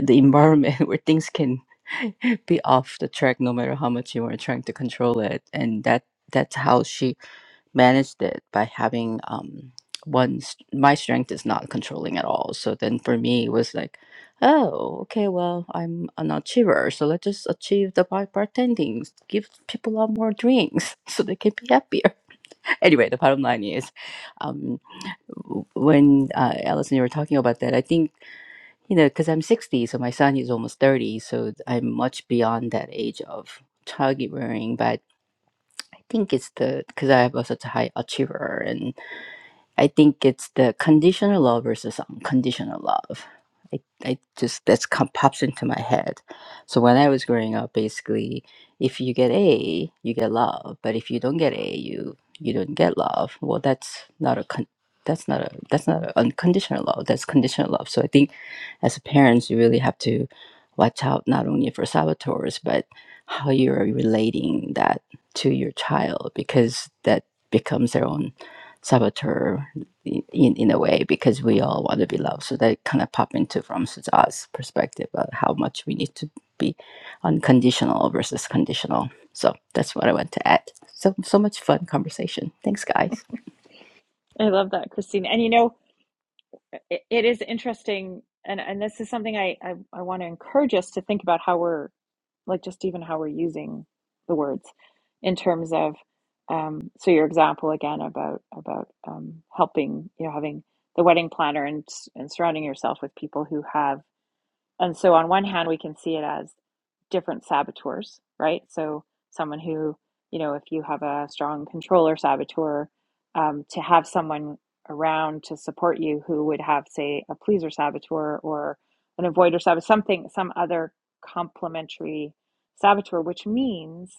Speaker 2: the environment where things can be off the track no matter how much you are trying to control it, and that that's how she managed it by having um one st- my strength is not controlling at all so then for me it was like oh okay well i'm an achiever so let's just achieve the bar- bartending give people out more drinks so they can be happier anyway the bottom line is um w- when uh, Alice you were talking about that i think you know because i'm 60 so my son is almost 30 so i'm much beyond that age of childgiving but i think it's the because i was such a high achiever and. I think it's the conditional love versus unconditional love. I, I just that's come, pops into my head. So when I was growing up, basically, if you get A, you get love, but if you don't get A, you you don't get love. Well, that's not a con- that's not a that's not a unconditional love. That's conditional love. So I think as a parents, you really have to watch out not only for saboteurs but how you're relating that to your child because that becomes their own saboteur i- in in a way because we all want to be loved. So that kind of pop into from Sujat's perspective about how much we need to be unconditional versus conditional. So that's what I want to add. So so much fun conversation. Thanks, guys.
Speaker 1: love that, Christine. And you know, it, it is interesting, and and this is something I I, I want to encourage us to think about how we're like just even how we're using the words in terms of um, so your example again about about um, helping you know having the wedding planner and and surrounding yourself with people who have and so, on one hand, we can see it as different saboteurs, right? So, someone who, you know, if you have a strong controller saboteur, um, to have someone around to support you who would have, say, a pleaser saboteur or an avoider saboteur, something, some other complementary saboteur, which means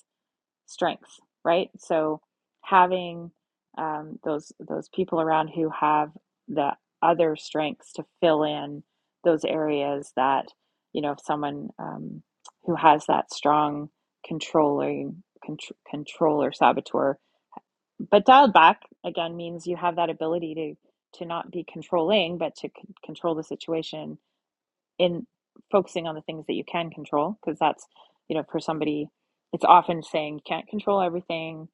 Speaker 1: Strengths, right? So having um, those those people around who have the other strengths to fill in those areas that you know if someone um, who has that strong controlling contr- control or saboteur, but dialed back again means you have that ability to to not be controlling, but to c- control the situation in focusing on the things that you can control because that's you know for somebody it's often saying you can't control everything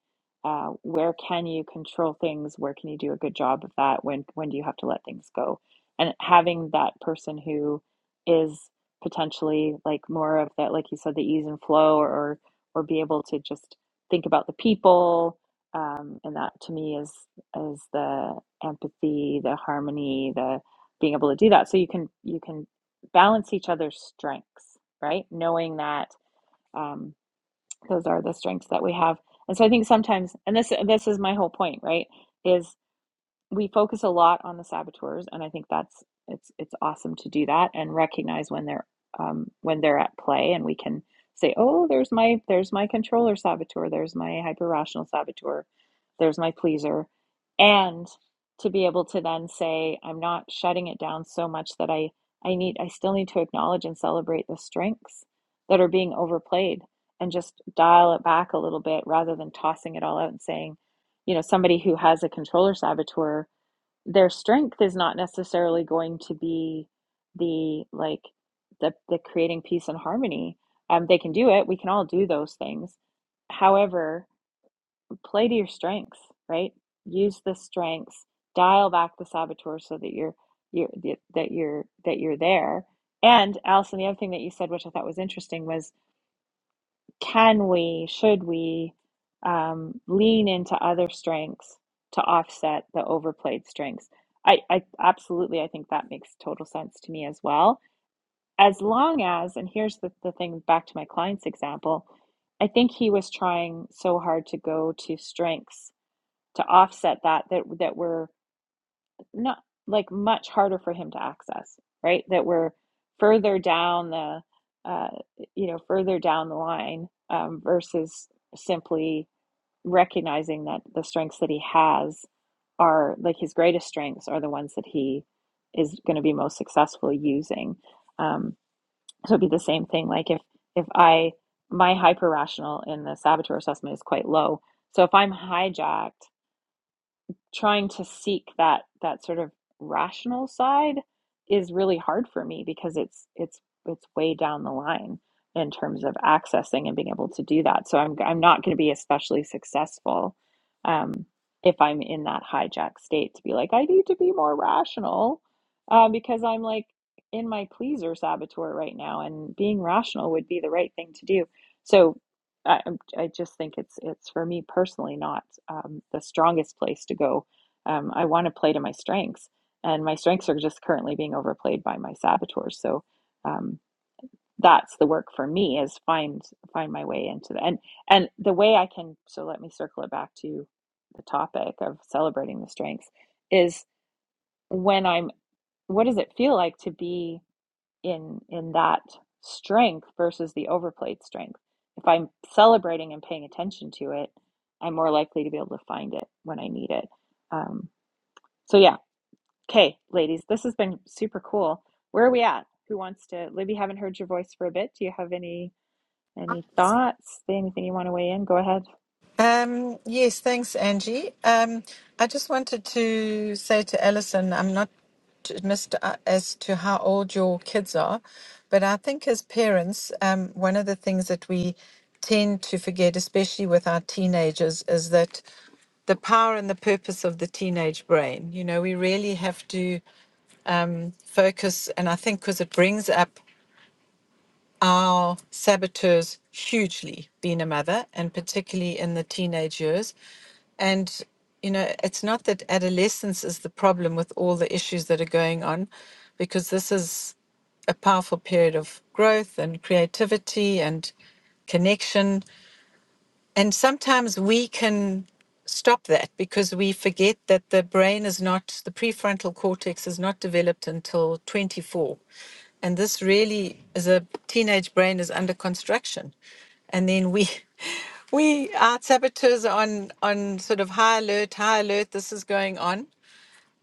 Speaker 1: uh, where can you control things where can you do a good job of that when when do you have to let things go and having that person who is potentially like more of that like you said the ease and flow or or be able to just think about the people um, and that to me is is the empathy the harmony the being able to do that so you can you can balance each other's strengths, right? Knowing that um, those are the strengths that we have. And so I think sometimes, and this this is my whole point, right? Is we focus a lot on the saboteurs, and I think that's it's it's awesome to do that and recognize when they're um, when they're at play, and we can say, "Oh, there's my there's my controller saboteur, there's my hyper rational saboteur, there's my pleaser," and to be able to then say, "I'm not shutting it down so much that I I need I still need to acknowledge and celebrate the strengths that are being overplayed." And just dial it back a little bit rather than tossing it all out and saying, you know, somebody who has a controller saboteur their strength is not necessarily going to be the like the the creating peace and harmony. Um, they can do it. We can all do those things. However, play to your strengths, right? Use the strengths. Dial back the saboteur so that you're you're that you're that you're there. And Allison, the other thing that you said, which I thought was interesting, was can we, should we um, lean into other strengths to offset the overplayed strengths? I, I absolutely, I think that makes total sense to me as well. As long as, and here's the, the thing back to my client's example, I think he was trying so hard to go to strengths to offset that that that were not like much harder for him to access, right? That we're further down the, uh, you know, further down the line um, versus simply recognizing that the strengths that he has are like his greatest strengths are the ones that he is going to be most successful using. Um, so it'd be the same thing. Like if if I my hyper rational in the saboteur assessment is quite low, so if I'm hijacked trying to seek that that sort of rational side is really hard for me because it's it's it's way down the line in terms of accessing and being able to do that. So I'm I'm not going to be especially successful um, if I'm in that hijack state to be like I need to be more rational uh, because I'm like in my pleaser saboteur right now, and being rational would be the right thing to do. So I I'm- I just think it's it's for me personally not um, the strongest place to go. Um, I want to play to my strengths, and my strengths are just currently being overplayed by my saboteurs. So um, that's the work for me is find find my way into the and and the way I can. So let me circle it back to the topic of celebrating the strengths is when I'm. What does it feel like to be? in in that strength versus the overplayed strength. If I'm celebrating and paying attention to it, I'm more likely to be able to find it when I need it. Um, so yeah, okay, ladies, this has been super cool. Where are we at? Who wants to? Libby, haven't heard your voice for a bit. Do you have any any thoughts? Anything you want to weigh in? Go ahead.
Speaker 3: Um, yes, thanks, Angie. Um, I just wanted to say to Alison, I'm not t- missed uh, as to how old your kids are, but I think as parents, um, one of the things that we tend to forget, especially with our teenagers, is that the power and the purpose of the teenage brain. You know, we really have to focus, and I think because it brings up our saboteurs hugely being a mother and particularly in the teenage years and you know it's not that adolescence is the problem with all the issues that are going on because this is a powerful period of growth and creativity and connection and sometimes we can stop that because we forget that the brain is not, the prefrontal cortex is not developed until 24. And this really is a teenage brain is under construction. And then we, we, our saboteurs are on, on sort of high alert, high alert, this is going on.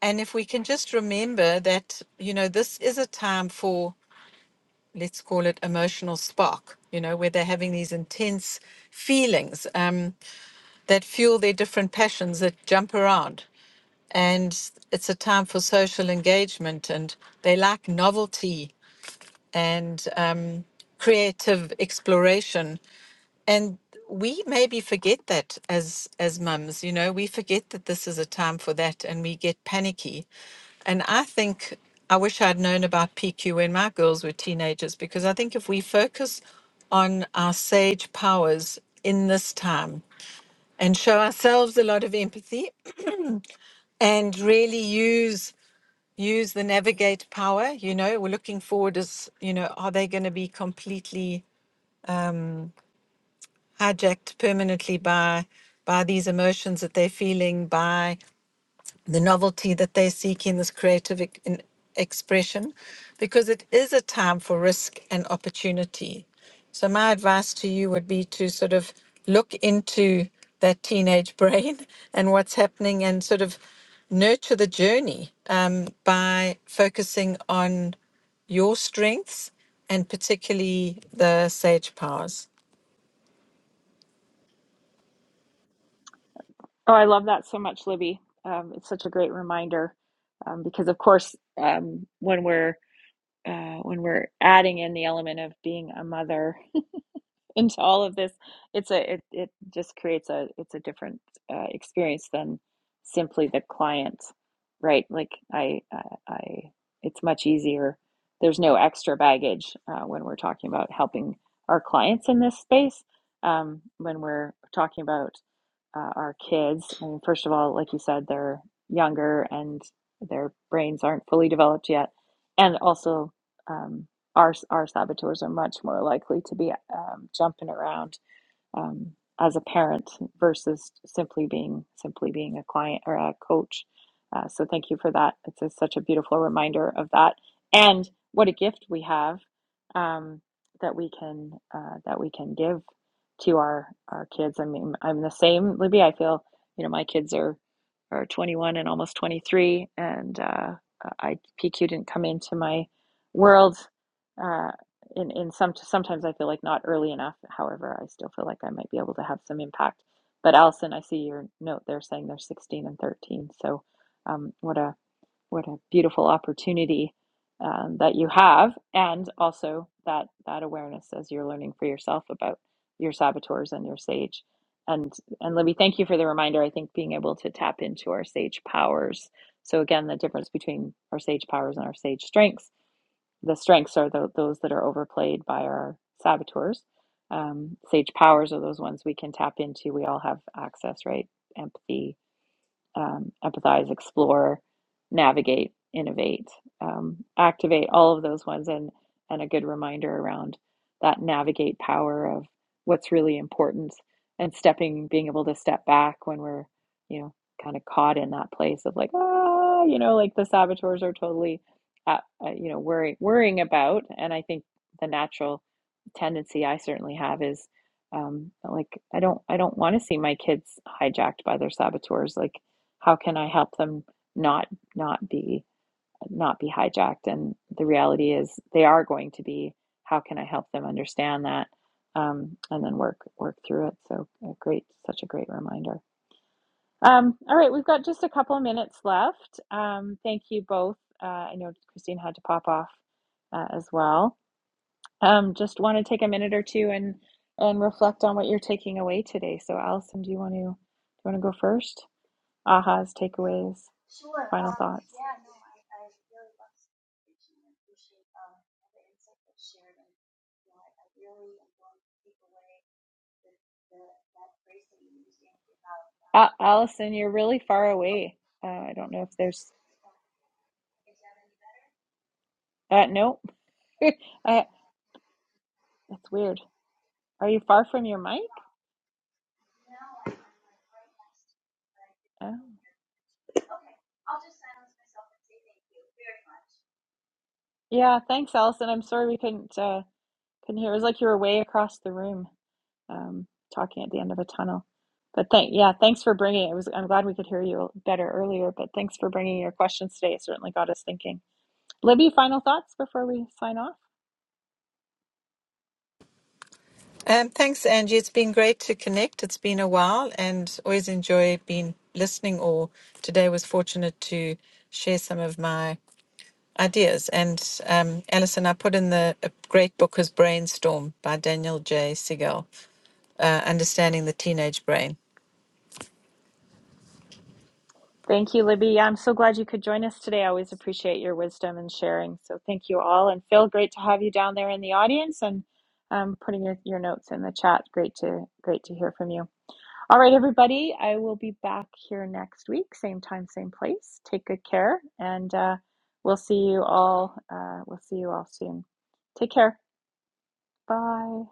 Speaker 3: And if we can just remember that, you know, this is a time for, let's call it emotional spark, you know, where they're having these intense feelings. Um, that fuel their different passions that jump around. And it's a time for social engagement, and they like novelty and um, creative exploration. And we maybe forget that as as mums, you know, we forget that this is a time for that, and we get panicky. And I think I wish I'd known about PQ when my girls were teenagers because I think if we focus on our sage powers in this time, and show ourselves a lot of empathy and really use use the navigate power you know we're looking forward as you know are they going to be completely hijacked permanently by by these emotions that they're feeling by the novelty that they seek in this creative ec- in expression because it is a time for risk and opportunity. So, my advice to you would be to sort of look into that teenage brain and what's happening and sort of nurture the journey um, by focusing on your strengths and particularly the sage powers.
Speaker 1: Oh, I love that so much, Libby. Um, it's such a great reminder um, because, of course, um, when we're uh, when we're adding in the element of being a mother into all of this it's a it, it just creates a it's a different uh, experience than simply the client right like i i, I it's much easier there's no extra baggage uh, when we're talking about helping our clients in this space um, when we're talking about uh, our kids i mean first of all like you said they're younger and their brains aren't fully developed yet and also um, our our saboteurs are much more likely to be um, jumping around um, as a parent versus simply being simply being a client or a coach. Uh, so thank you for that. It's a, such a beautiful reminder of that, and what a gift we have um, that we can uh, that we can give to our our kids. I mean, I'm the same, Libby. I feel you know my kids are are 21 and almost 23, and uh, I P Q didn't come into my world uh, in in some sometimes I feel like not early enough. However, I still feel like I might be able to have some impact. But Allison, I see your note there saying they're 16 and 13. So um, what a what a beautiful opportunity um, that you have, and also that that awareness as you're learning for yourself about your saboteurs and your sage. And and Libby, thank you for the reminder. I think being able to tap into our sage powers. So again, the difference between our sage powers and our sage strengths the strengths are the those that are overplayed by our saboteurs. Um, sage powers are those ones we can tap into. We all have access, right? Empathy, um, empathize, explore, navigate, innovate, um, activate, all of those ones, and and a good reminder around that navigate power of what's really important and stepping, being able to step back when we're, you know, kind of caught in that place of like, ah, you know, like the saboteurs are totally, at, uh, you know, worrying worrying about, and I think the natural tendency I certainly have is um, like I don't I don't want to see my kids hijacked by their saboteurs. Like how can I help them not not be not be hijacked? And the reality is they are going to be. How can I help them understand that? Um, and then work work through it. So a great, such a great reminder. Um, all right, we've got just a couple of minutes left. Um, thank you both. Uh, I know Christine had to pop off uh, as well. Um, just want to take a minute or two and and reflect on what you're taking away today. So Allison, do you want to do you want to go first? ahas, takeaways, final thoughts. Al Allison, you're really far away. Uh, I don't know if there's. Uh, nope. uh, that's weird. Are you far from your mic? Oh. Yeah. Thanks, Allison. I'm sorry we couldn't uh, couldn't hear. It was like you were way across the room, um, talking at the end of a tunnel. But thank yeah, thanks for bringing it. it was I'm glad we could hear you better earlier. But thanks for bringing your questions today. It certainly got us thinking. Libby, final thoughts before we sign off.
Speaker 3: Um, thanks, Angie. It's been great to connect. It's been a while and always enjoy being listening or today was fortunate to share some of my ideas. And um, Alison, I put in the a great book is Brainstorm by Daniel J. Siegel, uh, Understanding the Teenage Brain.
Speaker 1: Thank you, Libby. Yeah, I'm so glad you could join us today. I always appreciate your wisdom and sharing. So thank you all. And Phil, great to have you down there in the audience and um, putting your, your notes in the chat. Great to great to hear from you. All right, everybody. I will be back here next week, same time, same place. Take good care, and uh, we'll see you all. Uh, we'll see you all soon. Take care. Bye.